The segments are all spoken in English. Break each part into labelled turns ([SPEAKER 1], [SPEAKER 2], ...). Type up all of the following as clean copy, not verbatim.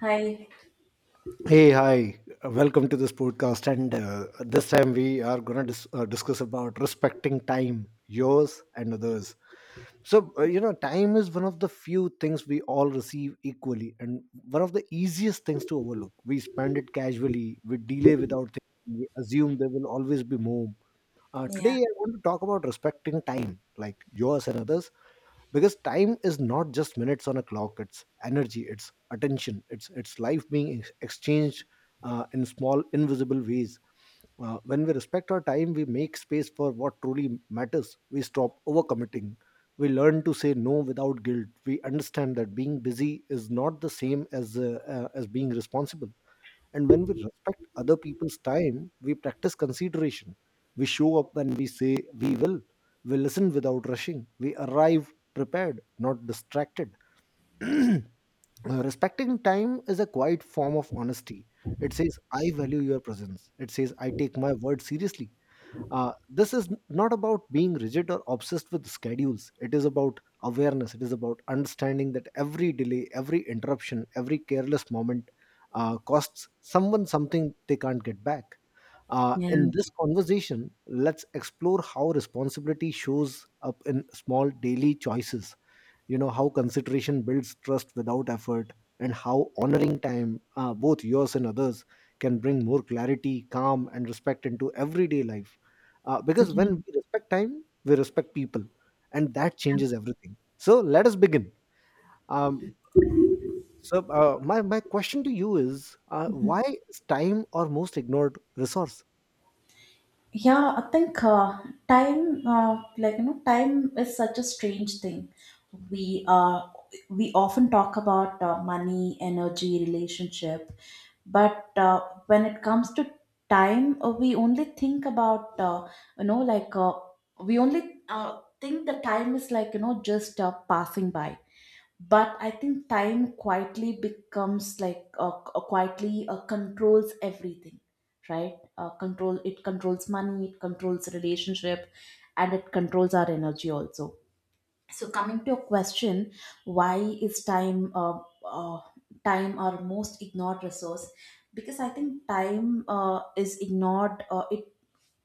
[SPEAKER 1] Hi.
[SPEAKER 2] Hey, hi. Welcome to this podcast. And this time we are going to discuss about respecting time, yours and others. So, time is one of the few things we all receive equally, and one of the easiest things to overlook. We spend it casually, we delay without thinking, we assume there will always be more.
[SPEAKER 1] Yeah.
[SPEAKER 2] Today, I want to talk about respecting time, like yours and others, because time is not just minutes on a clock. It's energy, it's attention, it's life being exchanged in small, invisible ways. When we respect our time, we make space for what truly matters. We stop overcommitting, we learn to say no without guilt. We understand that being busy is not the same as being responsible. And when we respect other people's time, we practice consideration. We show up when we say we will. We listen without rushing. We arrive prepared, not distracted. Respecting time is a quiet form of honesty. It says, "I value your presence." It says, "I take my word seriously." This is not about being rigid or obsessed with schedules. It is about awareness. It is about understanding that every delay, every interruption, every careless moment costs someone something they can't get back.
[SPEAKER 1] Yeah.
[SPEAKER 2] In this conversation, let's explore how responsibility shows up in small daily choices, how consideration builds trust without effort, and how honoring time, both yours and others, can bring more clarity, calm, and respect into everyday life. Because when we respect time, we respect people, and that changes everything. So let us begin. um, my question to you is,
[SPEAKER 1] Mhm.
[SPEAKER 2] why is time our most ignored resource?
[SPEAKER 1] Yeah, I think time uh, like you know, time is such a strange thing. we uh, we often talk about money, energy, relationship, but when it comes to time, we only think about you know like uh, we only think the time is like, you know, just passing by. But I think time quietly becomes like quietly controls everything, right? Control it controls money, it controls relationship, and it controls our energy also. So coming to your question, why is uh, time our most ignored resource? Because I think time is ignored,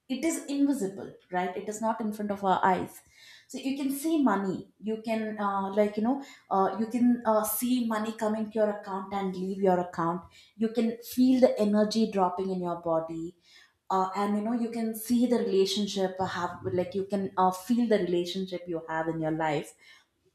[SPEAKER 1] it is invisible, right? It is not in front of our eyes. So you can see money. You can uh, you can see money coming to your account and leave your account. You can feel the energy dropping in your body, and you know, you can see the relationship have like you can feel the relationship you have in your life.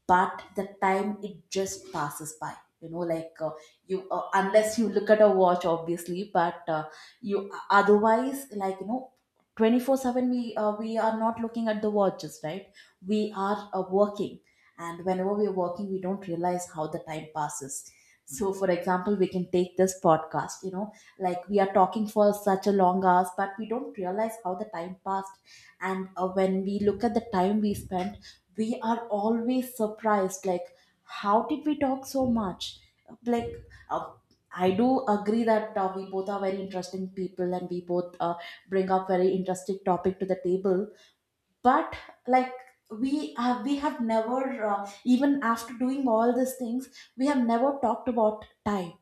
[SPEAKER 1] But the time, it just passes by. You know like you Unless you look at a watch, obviously, but you otherwise like you know, 24/7 we are not looking at the watches, right? We are working, and whenever we're working we don't realize how the time passes. So for example, we can take this podcast, you know, like we are talking for such a long hours, but we don't realize how the time passed. And when we look at the time we spend, we are always surprised, like, how did we talk so much? like uh, I do agree that we both are very interesting people, and we both bring up very interesting topic to the table. But like, we have never, even after doing all these things, we have never talked about time,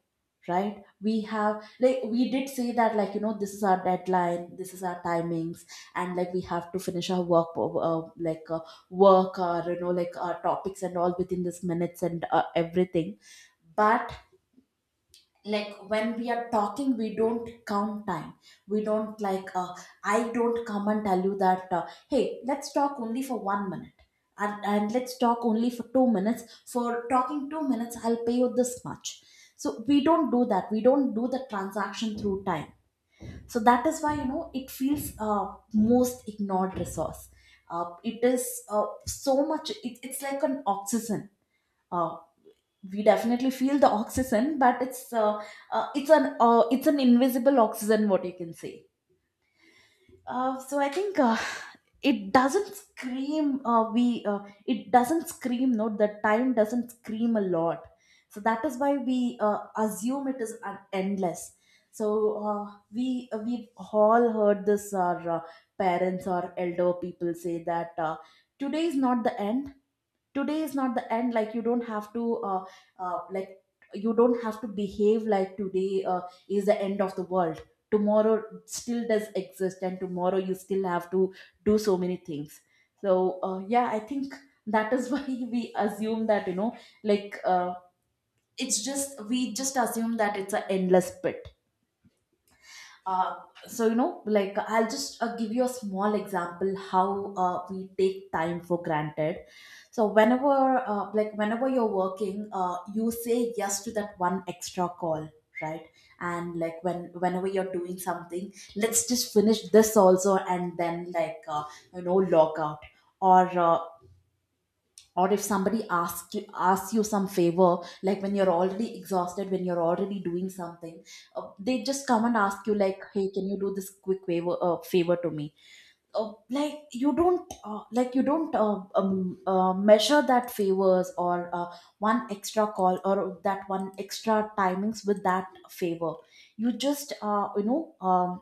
[SPEAKER 1] right? We have like we did say that, like, you know, this is our deadline, this is our timings, and like we have to finish our work work, or you know, like our topics and all within this minutes and everything. But like, when we are talking, we don't count time. We don't like uh, I don't come and tell you that, hey, let's talk only for 1 minute, and let's talk only for 2 minutes, for talking 2 minutes I'll pay you this much. So we don't do that, we don't do the transaction through time. So that is why, you know, it feels most ignored resource. It is so much it, it's like an oxygen. uh, we definitely feel the oxygen, but it's an invisible oxygen, what you can say. So I think it doesn't scream we it doesn't scream. No, the time doesn't scream a lot. So that is why we assume it is an endless. So uh, we've all heard this, our parents or elder people say that, today is not the end, today is not the end. Like you don't have to uh, like you don't have to behave like today is the end of the world. Tomorrow still does exist, and tomorrow you still have to do so many things. So yeah, I think that is why we assume that, you know, like uh, it's just, we just assume that it's an endless pit. Uh, so you know, like, I'll just give you a small example how we take time for granted. So whenever, like, whenever you're working, you say yes to that one extra call, right? And like, when, whenever you're doing something, let's just finish this also, and then you know, log out. Or or if somebody asks you some favor, like when you're already exhausted, when you're already doing something, they just come and ask you, like, hey, can you do this quick favor to me? Like you don't measure that favors or one extra call or that one extra timings with that favor. You just uh, you know um,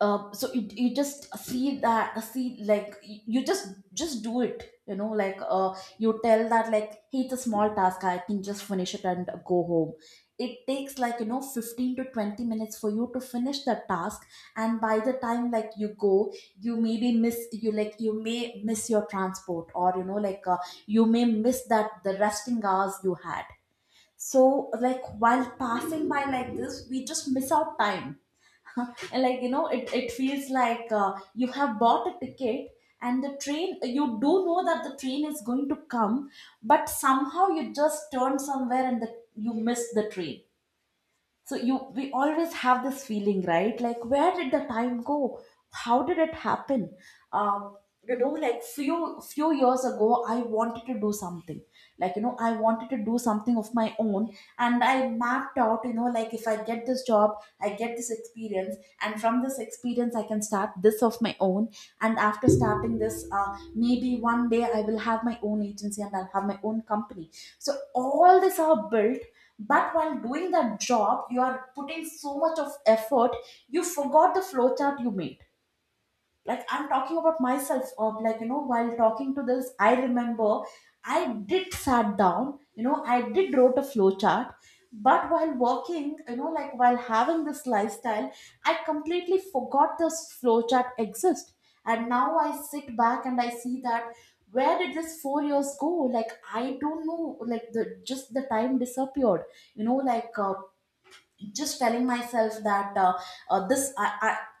[SPEAKER 1] uh, so you, you just see that, see, like, you just do it, you know, like, you tell that, like, hey, it's a small task, I can just finish it and go home. It takes like, you know, 15 to 20 minutes for you to finish the task, and by the time like you go, you maybe miss you like, you may miss your transport, or you know, you may miss that the resting hours you had. So like, while passing by like this, we just miss out time. And like, you know, it feels like, you have bought a ticket, and the train, you do know that the train is going to come, but somehow you just turn somewhere and you miss the train. So you, we always have this feeling, right? Like, where did the time go? How did it happen? Um, you know, like, few years ago, I wanted to do something. Like, you know, I wanted to do something of my own, and I mapped out, you know, like, if I get this job, I get this experience, and from this experience I can start this of my own, and after starting this, maybe one day I will have my own agency and I'll have my own company. So all this are built, but while doing that job, you are putting so much of effort, you forgot the flow chart you made. Like, I'm talking about myself. Of like, you know, while talking to this, I remember I did sat down, you know, I did wrote a flow chart, but while working, you know, like, while having this lifestyle, I completely forgot this flow chart exists. And now I sit back and I see that, where did this 4 years go? Like, I don't know, like the, just the time disappeared. You know, just telling myself that, this I,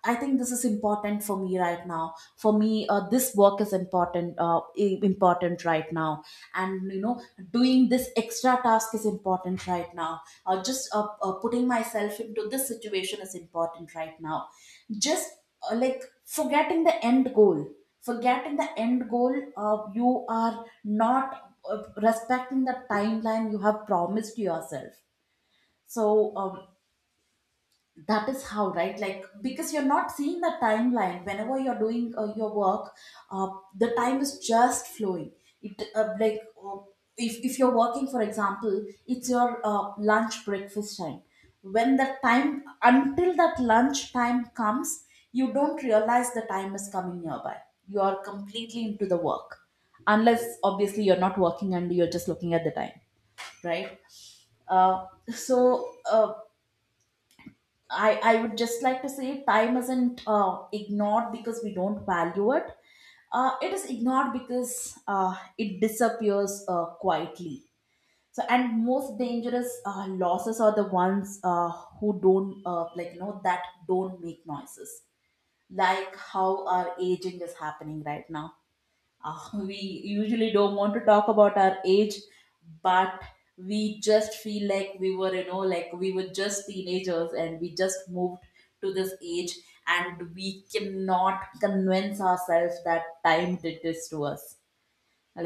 [SPEAKER 1] I I think this is important for me right now, for me, this work is important right now, and you know, doing this extra task is important right now. Just Putting myself into this situation is important right now. Just, like forgetting the end goal, forgetting the end goal, you are not respecting the timeline you have promised yourself. So um, that is how, right? Like, because you're not seeing the timeline whenever you're doing your work, uh, the time is just flowing. It uh, like uh, if, if you're working, for example, it's your lunch breakfast time, when the time, until that lunch time comes, you don't realize the time is coming nearby. You are completely into the work, unless obviously you're not working and you're just looking at the time, right? So I would just like to say, time isn't ignored because we don't value it. It is ignored because it disappears quietly. So, and most dangerous losses are the ones who don't, like, you know, that don't make noises, like how our aging is happening right now. We usually don't want to talk about our age, but we just feel like we were, you know, like we were just teenagers, and we just moved to this age, and we cannot convince ourselves that time did this to us.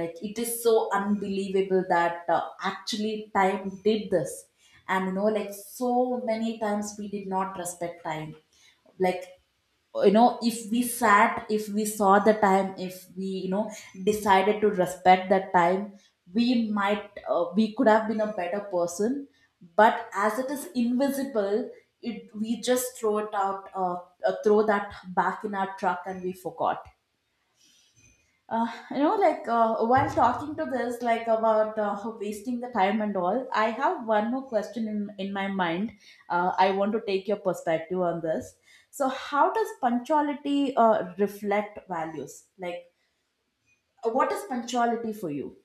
[SPEAKER 1] Like, it is so unbelievable that actually time did this. And you know, like, so many times we did not respect time. Like, you know, if we sat, if we saw the time, if we, you know, decided to respect that time, we might, we could have been a better person. But as it is invisible, it, we just throw it out, throw that back in our truck, and we forgot. You know, like, while talking to this, like, about wasting the time and all, I have one more question in my mind. I want to take your perspective on this. So, how does punctuality reflect values? Like, what is punctuality for you?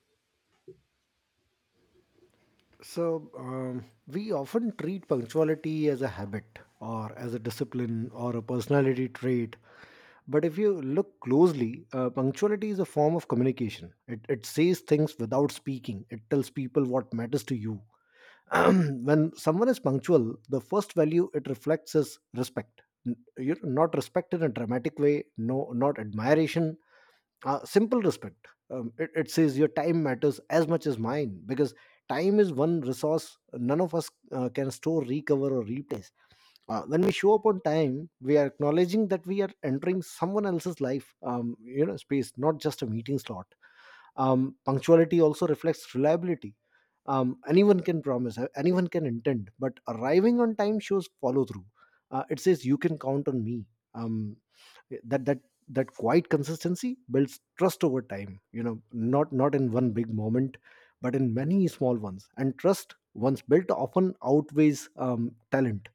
[SPEAKER 2] So, we often treat punctuality as a habit, or as a discipline, or a personality trait. But if you look closely, punctuality is a form of communication. It says things without speaking, it tells people what matters to you. When someone is punctual, the first value it reflects is respect. You know, not respect in a dramatic way, no, not admiration, simple respect. It says your time matters as much as mine, because time is one resource none of us can store, recover, or replace. When we show up on time, we are acknowledging that we are entering someone else's life, space, not just a meeting slot. Punctuality also reflects reliability. Anyone can promise, anyone can intend, but arriving on time shows follow through. It says, "You can count on me." Um, that that that quiet consistency builds trust over time. You know, not in one big moment but in many small ones. And trust once built often outweighs talent.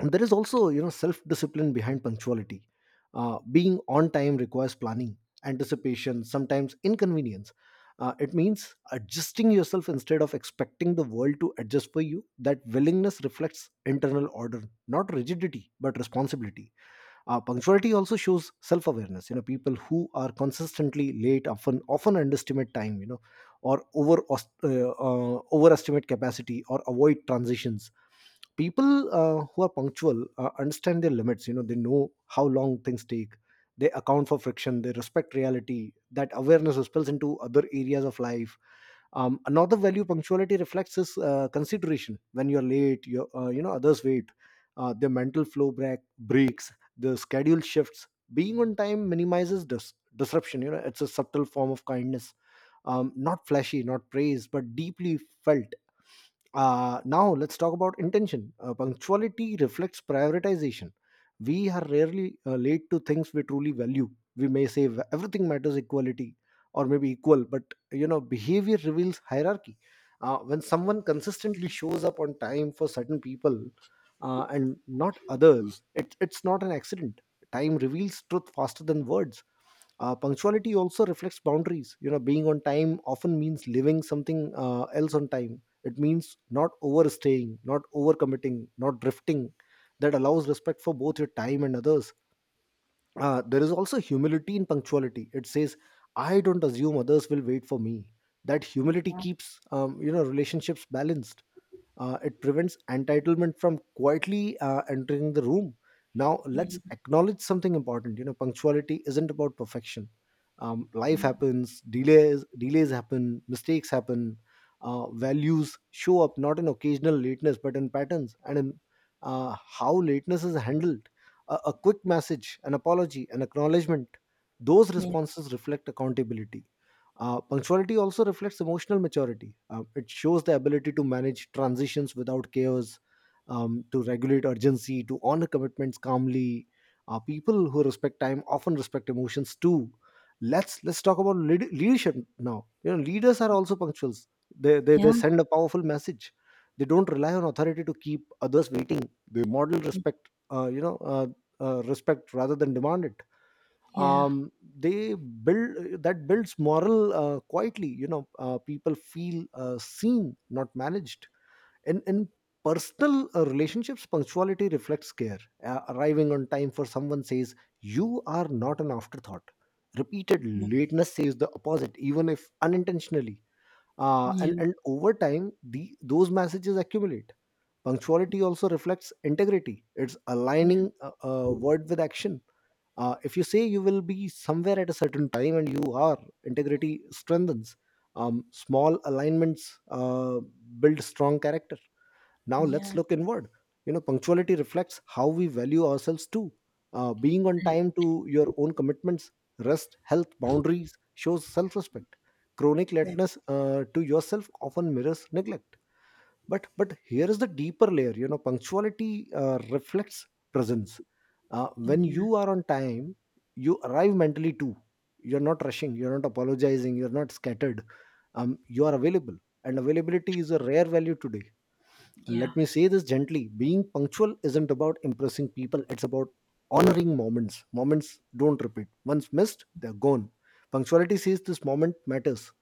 [SPEAKER 2] And there is also, you know, self discipline behind punctuality. Being on time requires planning, anticipation, sometimes inconvenience. It means adjusting yourself instead of expecting the world to adjust for you. That willingness reflects internal order, not rigidity but responsibility. Punctuality also shows self-awareness. You know, people who are consistently late often underestimate time. You know, or overestimate capacity, or avoid transitions. People who are punctual understand their limits. You know, they know how long things take, they account for friction, they respect reality. That awareness spills into other areas of life. Another value punctuality reflects is consideration. When you're late, you know others wait. Their mental flow breaks, the schedule shifts. Being on time minimizes disruption. You know, it's a subtle form of kindness. Not flashy, not praised, but deeply felt. Now let's talk about intention. Punctuality reflects prioritization. We are rarely late to things we truly value. We may say everything matters equality, or maybe equal, but you know, behavior reveals hierarchy. When someone consistently shows up on time for certain people and not others, it's not an accident. Time reveals truth faster than words. Punctuality also reflects boundaries. You know, being on time often means living something else on time. It means not overstaying, not overcommitting, not drifting. That allows respect for both your time and others. There is also humility in punctuality. It says, "I don't assume others will wait for me." That humility
[SPEAKER 1] Yeah,
[SPEAKER 2] keeps relationships balanced. It prevents entitlement from quietly entering the room. Now let's
[SPEAKER 1] yeah.
[SPEAKER 2] acknowledge something important. You know, punctuality isn't about perfection. Life happens, delays happen, mistakes happen. Values show up not in occasional lateness, but in patterns and in how lateness is handled: a quick message, an apology, an acknowledgement. Those
[SPEAKER 1] Yeah,
[SPEAKER 2] responses reflect accountability. Punctuality also reflects emotional maturity. It shows the ability to manage transitions without chaos, to regulate urgency, to honor commitments calmly. People who respect time often respect emotions too. Let's talk about leadership now. You know, leaders are also punctuals. They, they
[SPEAKER 1] yeah,
[SPEAKER 2] they send a powerful message. They don't rely on authority to keep others waiting. They model respect. Respect rather than demand it.
[SPEAKER 1] yeah,
[SPEAKER 2] Um, they build That builds moral quietly. People feel seen, not managed. In personal relationships, punctuality reflects care. Arriving on time for someone says you are not an afterthought. Repeated
[SPEAKER 1] yeah,
[SPEAKER 2] lateness says the opposite, even if unintentionally. uh, and
[SPEAKER 1] yeah,
[SPEAKER 2] and over time, the those messages accumulate. Punctuality also reflects integrity. It's
[SPEAKER 1] yeah,
[SPEAKER 2] aligning a word with action. If you say you will be somewhere at a certain time and you are, integrity strengthens. Small alignments build strong character. Now let's
[SPEAKER 1] yeah,
[SPEAKER 2] look inward. You know, punctuality reflects how we value ourselves too. Being on time to your own commitments, rest, health, boundaries, shows self-respect. Chronic
[SPEAKER 1] yeah,
[SPEAKER 2] lateness to yourself often mirrors neglect. But here is the deeper layer: you know, punctuality reflects presence. When
[SPEAKER 1] yeah,
[SPEAKER 2] you are on time, you arrive mentally too. You're not rushing, you're not apologizing, you're not scattered. You are available. And availability is a rare value today.
[SPEAKER 1] yeah,
[SPEAKER 2] Let me say this gently: being punctual isn't about impressing people, it's about honoring moments. Moments don't repeat. Once missed, they're gone. Punctuality says this moment matters.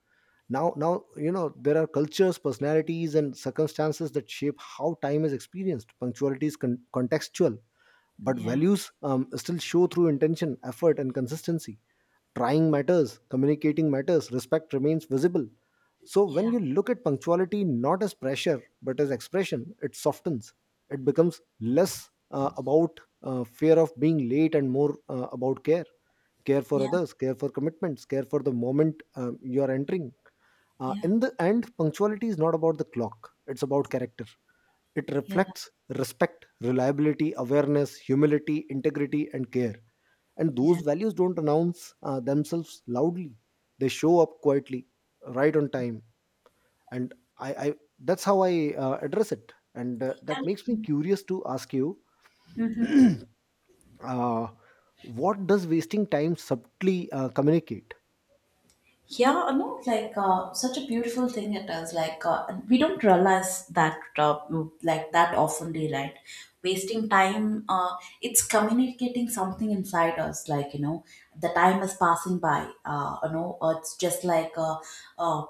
[SPEAKER 2] Now, you know, there are cultures, personalities, and circumstances that shape how time is experienced. Punctuality is contextual. But
[SPEAKER 1] yeah,
[SPEAKER 2] values still show through intention, effort, and consistency. Trying matters, communicating matters, respect remains visible. So when
[SPEAKER 1] yeah,
[SPEAKER 2] you look at punctuality not as pressure but as expression, it softens. It becomes less about fear of being late and more about care: care for
[SPEAKER 1] yeah,
[SPEAKER 2] others, care for commitments, care for the moment you are entering. In the end, punctuality is not about the clock, it's about character. It
[SPEAKER 1] yeah,
[SPEAKER 2] reflects respect, reliability, awareness, humility, integrity, and care. And those
[SPEAKER 1] yeah,
[SPEAKER 2] values don't announce themselves loudly, they show up quietly, right on time. And I That's how I address it. And that makes me
[SPEAKER 1] yeah.
[SPEAKER 2] curious to ask you.
[SPEAKER 1] Yeah.
[SPEAKER 2] uh, what does wasting time subtly communicate?
[SPEAKER 1] Yeah, no, like, such a beautiful thing it is. Like, and we don't realize that, like that, oftenly, right? Wasting time, it's communicating something inside us. Like, you know, the time is passing by. It's just uh,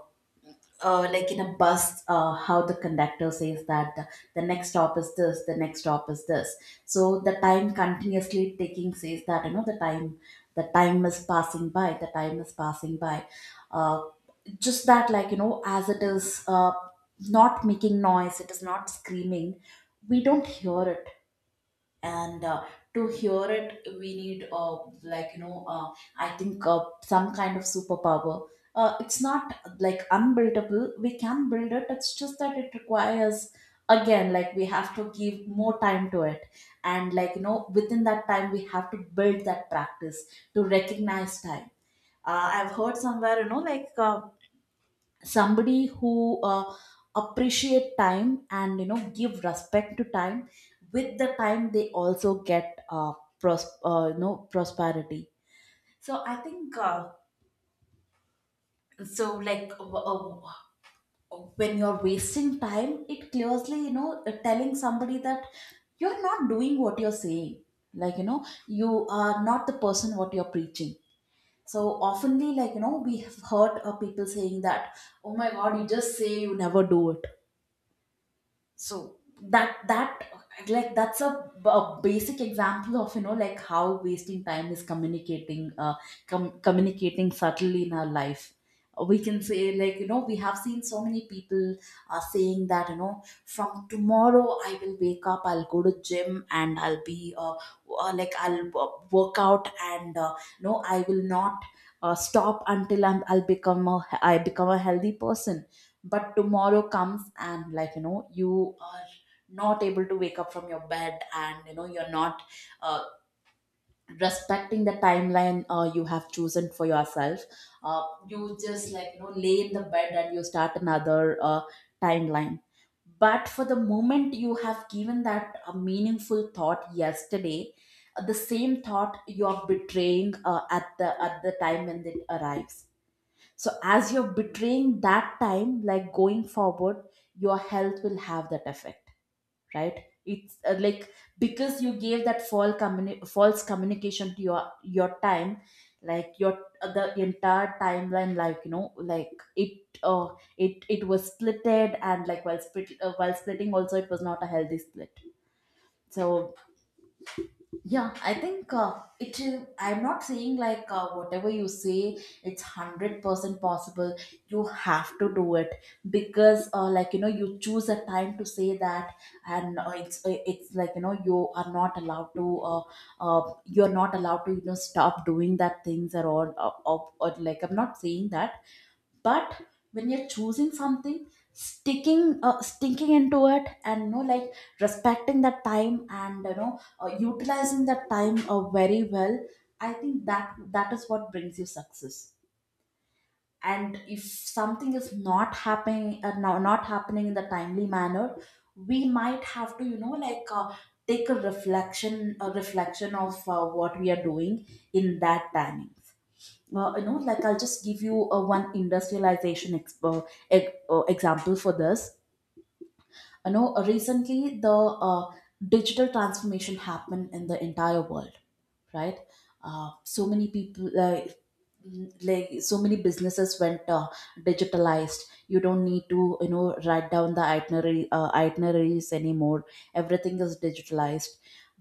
[SPEAKER 1] like in a bus, how the conductor says that the next stop is this, the next stop is this. So the time continuously taking says that the time is passing by, the time is passing by. Uh, just that, like, you know, as it is not making noise, it is not screaming. We don't hear it, and to hear it we need, like you know uh, I think, some kind of superpower. It's not like unbuildable, we can build it, it's just that it requires, again, like, we have to give more time to it. And, like, you know, within that time we have to build that practice to recognize time. I've heard somewhere, you know, like, somebody who, appreciate time and, you know, give respect to time, with the time they also get, prosperity. So I think, so like uh, uh, when you're wasting time it clearly, you know, telling somebody that you're not doing what you're saying. Like, you know, you are not the person what you're preaching. So oftenly, like, you know, we have heard people saying that, "Oh my god, you just say, you never do it." So that that like, that's a basic example of, you know, like, how wasting time is communicating, communicating subtly in our life. We can say, like, you know, we have seen so many people, saying that, you know, from tomorrow I will wake up, I'll go to gym, and I'll be, like I'll work out, and no, I will not stop until I become a healthy person. But tomorrow comes, and, like, you know, you are not able to wake up from your bed, and you know you're not uh, respecting the timeline you have chosen for yourself. You just, like, you know, lay in the bed and you start another timeline. But for the moment you have given that a meaningful thought yesterday, the same thought you are betraying, at the time when it arrives. So as you're betraying that time, like, going forward, your health will have that effect, right? It's, like, because you gave that false communication to your time, like your, the entire timeline, like, you know, like it was splitted, and, like, while split while splitting also, it was not a healthy split. So yeah, I think, it is. I'm not saying, like, whatever you say, it's 100% possible. You have to do it, because, like, you know, you choose a time to say that, and it's like, you know, you are not allowed to. You're not allowed to, you know, stop doing that things or all. Or, like, I'm not saying that, but when you're choosing something, sticking into it, and, you know, like, respecting that time, and, you know, utilizing that time very well, I think that that is what brings you success. And if something is not happening, now not happening in the timely manner, we might have to, you know, like, take a reflection of what we are doing in that timing. You know, like, I'll just give you, one industrialization example for this. You know, recently the, digital transformation happened in the entire world, right? So many people, like so many businesses went digitalized. You don't need to, you know, write down the itinerary itineraries anymore. Everything is digitalized.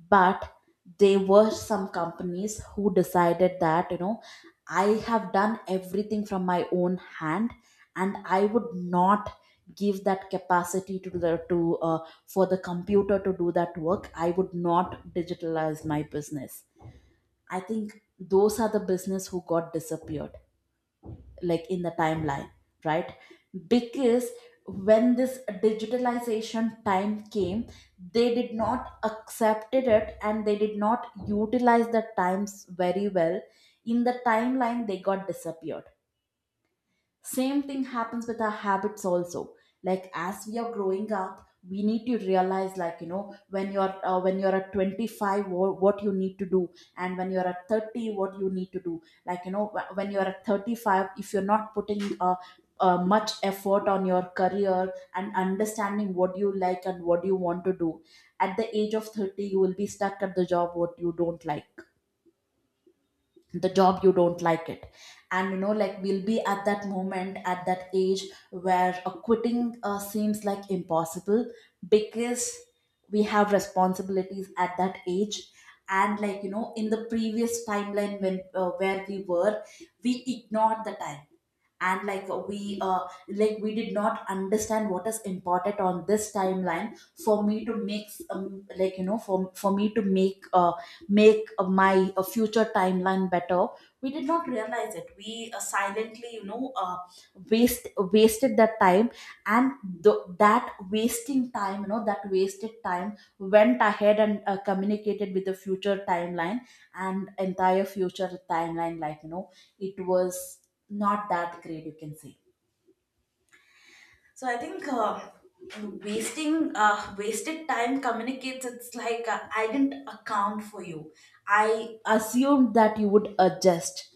[SPEAKER 1] But there were some companies who decided that, you know, I have done everything from my own hand, and I would not give that capacity to the to for the computer to do that work, I would not digitalize my business. I think those are the business who got disappeared, like, in the timeline, right? Because when this digitalization time came, they did not accepted it, and they did not utilize the times very well. In the timeline, they got disappeared. Same thing happens with our habits also. Like, as we are growing up, we need to realize, like, you know, when you're at 25, what you need to do, and when you're at 30 what you need to do. Like, you know, when you're at 35, if you're not putting, much effort on your career and understanding what you like and what you want to do, at the age of 30 you will be stuck at the job what you don't like, the job you don't like it. And, you know, like, we'll be at that moment at that age where, quitting seems like impossible. Because we have responsibilities at that age. And, like, you know, in the previous timeline when where we were, we ignored the time. And, like, we did not understand what is important on this timeline for me to make, for me to make, my future timeline better. We did not realize it, we silently, you know, wasted that time. And that wasting time, you know, that wasted time went ahead and communicated with the future timeline. And entire future timeline, like, you know, it was not that great, you can say. So I think, wasting wasted time communicates. It's like, I didn't account for you. I assumed that you would adjust.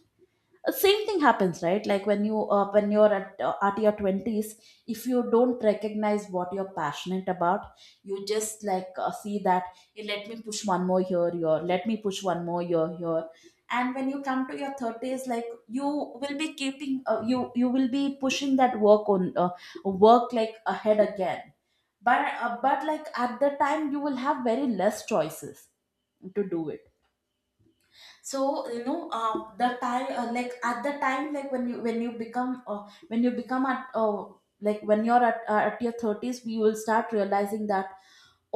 [SPEAKER 1] Same thing happens, right? Like, when you're at your 20s, if you don't recognize what you're passionate about, you just, like, see that, "Hey, let me push one more here here let me push one more here here." And when you come to your 30s, like, you will be keeping, you will be pushing that work on, work, like, ahead again. But, like, at the time you will have very less choices to do it. So, you know, the time, like, at the time, like, when you become, when you become at like when you're at your 30s, we will start realizing that,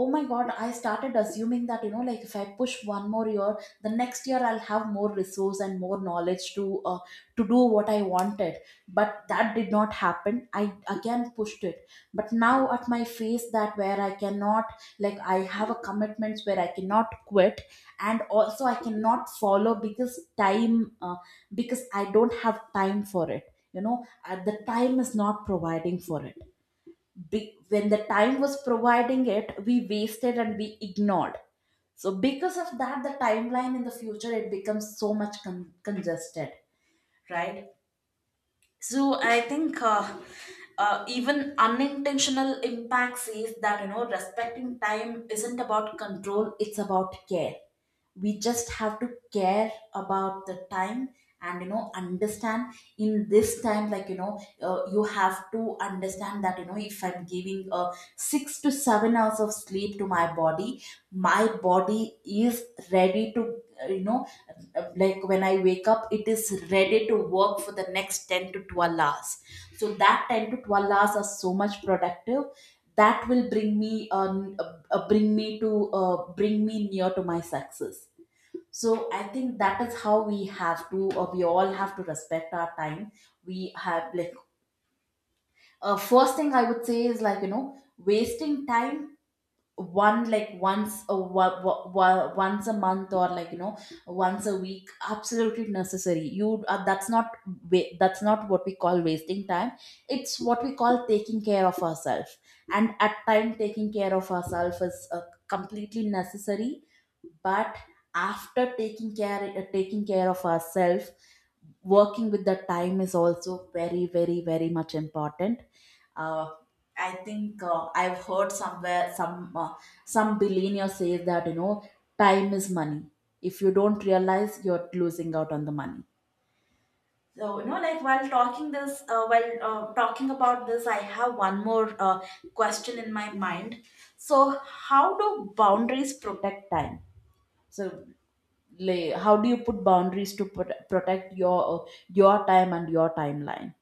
[SPEAKER 1] oh my god, I started assuming that, you know, like, if I push one more year, the next year I'll have more resource and more knowledge to do what I wanted. But that did not happen, I again pushed it, but now at my phase that, where I cannot, like, I have a commitments where I cannot quit, and also I cannot follow, because time, uh, because I don't have time for it, you know. The time is not providing for it. When the time was providing it, we wasted and we ignored. So because of that, the timeline in the future it becomes so much congested, right? So I think, even unintentional impacts is that, you know, respecting time isn't about control, it's about care. We just have to care about the time, and, you know, understand, in this time, like, you know, you have to understand that, you know, if I'm giving, 6 to 7 hours of sleep to my body, my body is ready to, uh, you know like, when I wake up it is ready to work for the next 10 to 12 hours. So that 10 to 12 hours are so much productive, that will bring me, bring me to bring me near to my success. So I think that is how we have to, or we all have to, respect our time. We have, like, first thing I would say is, like, you know, wasting time, one, like, once a wa- wa- wa- once a month, or, like, you know, once a week absolutely necessary, you, that's not, that's not what we call wasting time, it's what we call taking care of ourselves. And at time, taking care of ourselves is completely necessary. But after taking care of ourselves, working with the time is also very, very, very much important. uh, I think, I've heard somewhere some, some billionaire says that, you know, time is money. If you don't realize, you're losing out on the money. So, you know, like, while talking about this, I have one more question in my mind. So, how do boundaries protect time? So, lay, how do you put boundaries to protect your time and your timeline?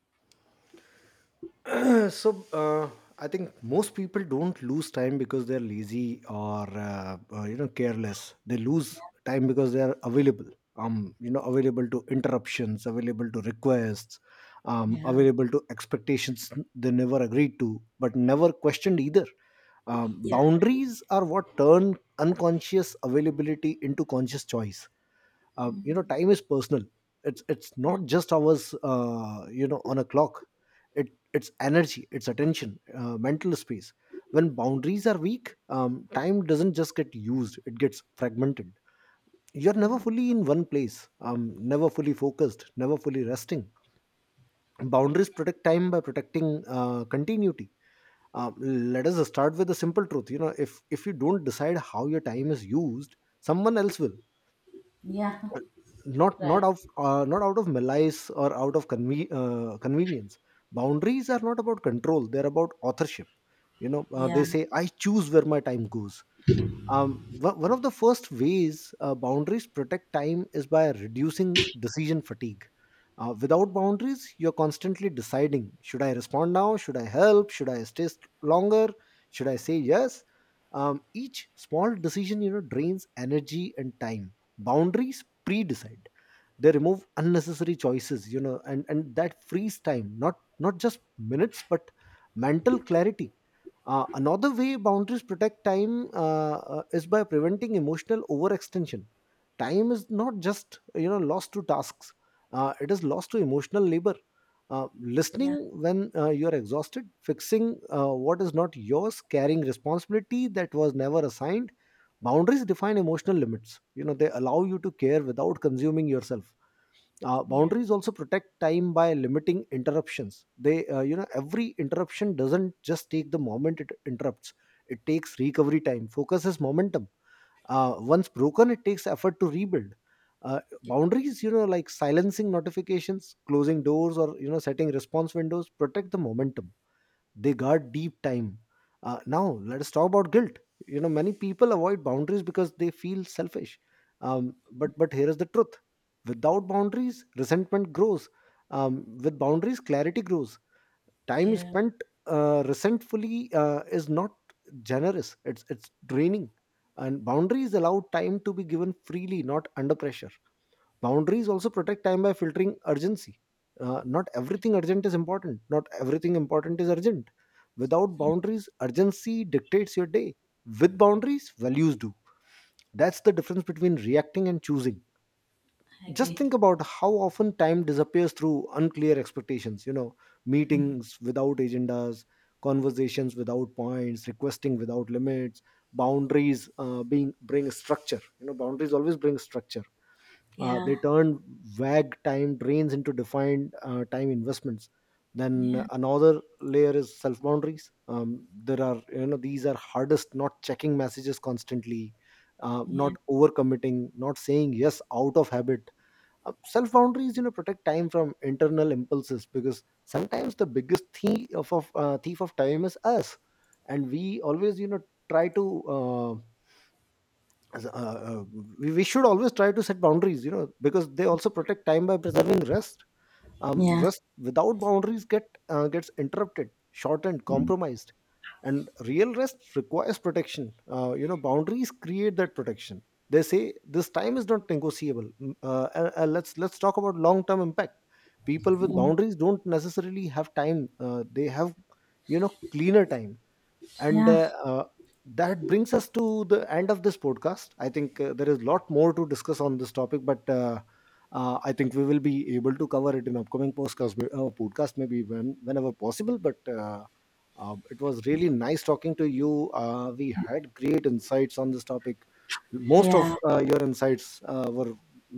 [SPEAKER 2] So, I think most people don't lose time because they're lazy or careless. They lose time because they're available. Available to interruptions, available to requests,
[SPEAKER 1] Yeah.
[SPEAKER 2] available to expectations they never agreed to, but never questioned either.
[SPEAKER 1] Yeah.
[SPEAKER 2] Boundaries are what turn unconscious availability into conscious choice. Time is personal. It's not just hours on a clock. It Its energy, its attention, mental space. When boundaries are weak, time doesn't just get used, it gets fragmented. You're never fully in one place, never fully focused, never fully resting. Boundaries protect time by protecting continuity. um, Let us start with the simple truth: you know, if you don't decide how your time is used, someone else will.
[SPEAKER 1] Yeah. Right.
[SPEAKER 2] Not out of malice, or out of convenience. Boundaries are not about control, they're about authorship.
[SPEAKER 1] Yeah.
[SPEAKER 2] They say, "I choose where my time goes." One of the first ways boundaries protect time is by reducing decision fatigue. Without boundaries, you're constantly deciding: should I respond now, should I help, should I stay longer, should I say yes? Each small decision, you know, drains energy and time. Boundaries pre-decide, they remove unnecessary choices. You know, and that frees time, not just minutes but mental clarity. Another way boundaries protect time is by preventing emotional overextension. Time is not just, you know, lost to tasks. It is lost to emotional labor, listening.
[SPEAKER 1] Yeah.
[SPEAKER 2] When you are exhausted, fixing what is not yours, carrying responsibility that was never assigned. Boundaries define emotional limits. You know, they allow you to care without consuming yourself.
[SPEAKER 1] Yeah.
[SPEAKER 2] Boundaries also protect time by limiting interruptions. They you know Every interruption doesn't just take the moment it interrupts, it takes recovery time. Focus is momentum. Once broken, it takes effort to rebuild.
[SPEAKER 1] Yeah.
[SPEAKER 2] Boundaries, you know, like silencing notifications, closing doors, or you know, setting response windows, protect the momentum. They guard deep time. Now let's talk about guilt. You know, many people avoid boundaries because they feel selfish. But here is the truth: without boundaries, resentment grows. With boundaries, clarity grows. Time
[SPEAKER 1] Yeah.
[SPEAKER 2] spent resentfully is not generous, it's draining. And boundaries allow time to be given freely, not under pressure. Boundaries also protect time by filtering urgency. Not everything urgent is important. Not everything important is urgent. Without boundaries, urgency dictates your day. With boundaries, values do. That's the difference between reacting and choosing.
[SPEAKER 1] I
[SPEAKER 2] Just
[SPEAKER 1] agree.
[SPEAKER 2] think about how often time disappears through unclear expectations. You know, meetings without agendas, conversations without points, requesting without limits. Boundaries being bring structure. You know, boundaries always bring structure.
[SPEAKER 1] Yeah.
[SPEAKER 2] They turned vague time drains into defined time investments. Then
[SPEAKER 1] Yeah.
[SPEAKER 2] another layer is self boundaries. There are you know These are hardest: not checking messages constantly,
[SPEAKER 1] Yeah.
[SPEAKER 2] not overcommitting, not saying yes out of habit. Self boundaries, you know, protect time from internal impulses, because sometimes the biggest thief of time is us, and we always you know try to as- we should always try to set boundaries, you know, because they also protect time by preserving rest. um,
[SPEAKER 1] Yeah.
[SPEAKER 2] Rest without boundaries gets interrupted, shortened, compromised. And real rest requires protection. Boundaries create that protection. They say, "This time is not negotiable." Let's talk about long term impact. People with
[SPEAKER 1] Mm.
[SPEAKER 2] boundaries don't necessarily have time, they have, you know, cleaner time. and
[SPEAKER 1] Yeah.
[SPEAKER 2] uh, uh, that brings us to the end of this podcast. I think there is a lot more to discuss on this topic, but I think we will be able to cover it in upcoming podcast, maybe whenever possible. But it was really nice talking to you. We had great insights on this topic. Most of
[SPEAKER 1] Yeah,
[SPEAKER 2] your insights were,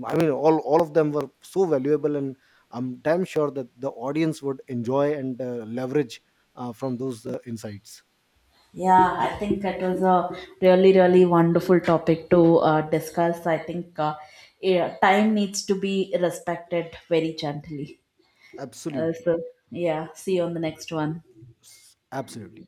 [SPEAKER 2] I mean, all of them were so valuable, and I'm damn sure that the audience would enjoy and leverage from those insights.
[SPEAKER 1] yeah, I think it was a really, really wonderful topic to discuss. I think, yeah, time needs to be respected very gently. Uh,
[SPEAKER 2] Absolutely.
[SPEAKER 1] so, yeah, see you on the next one.
[SPEAKER 2] Absolutely.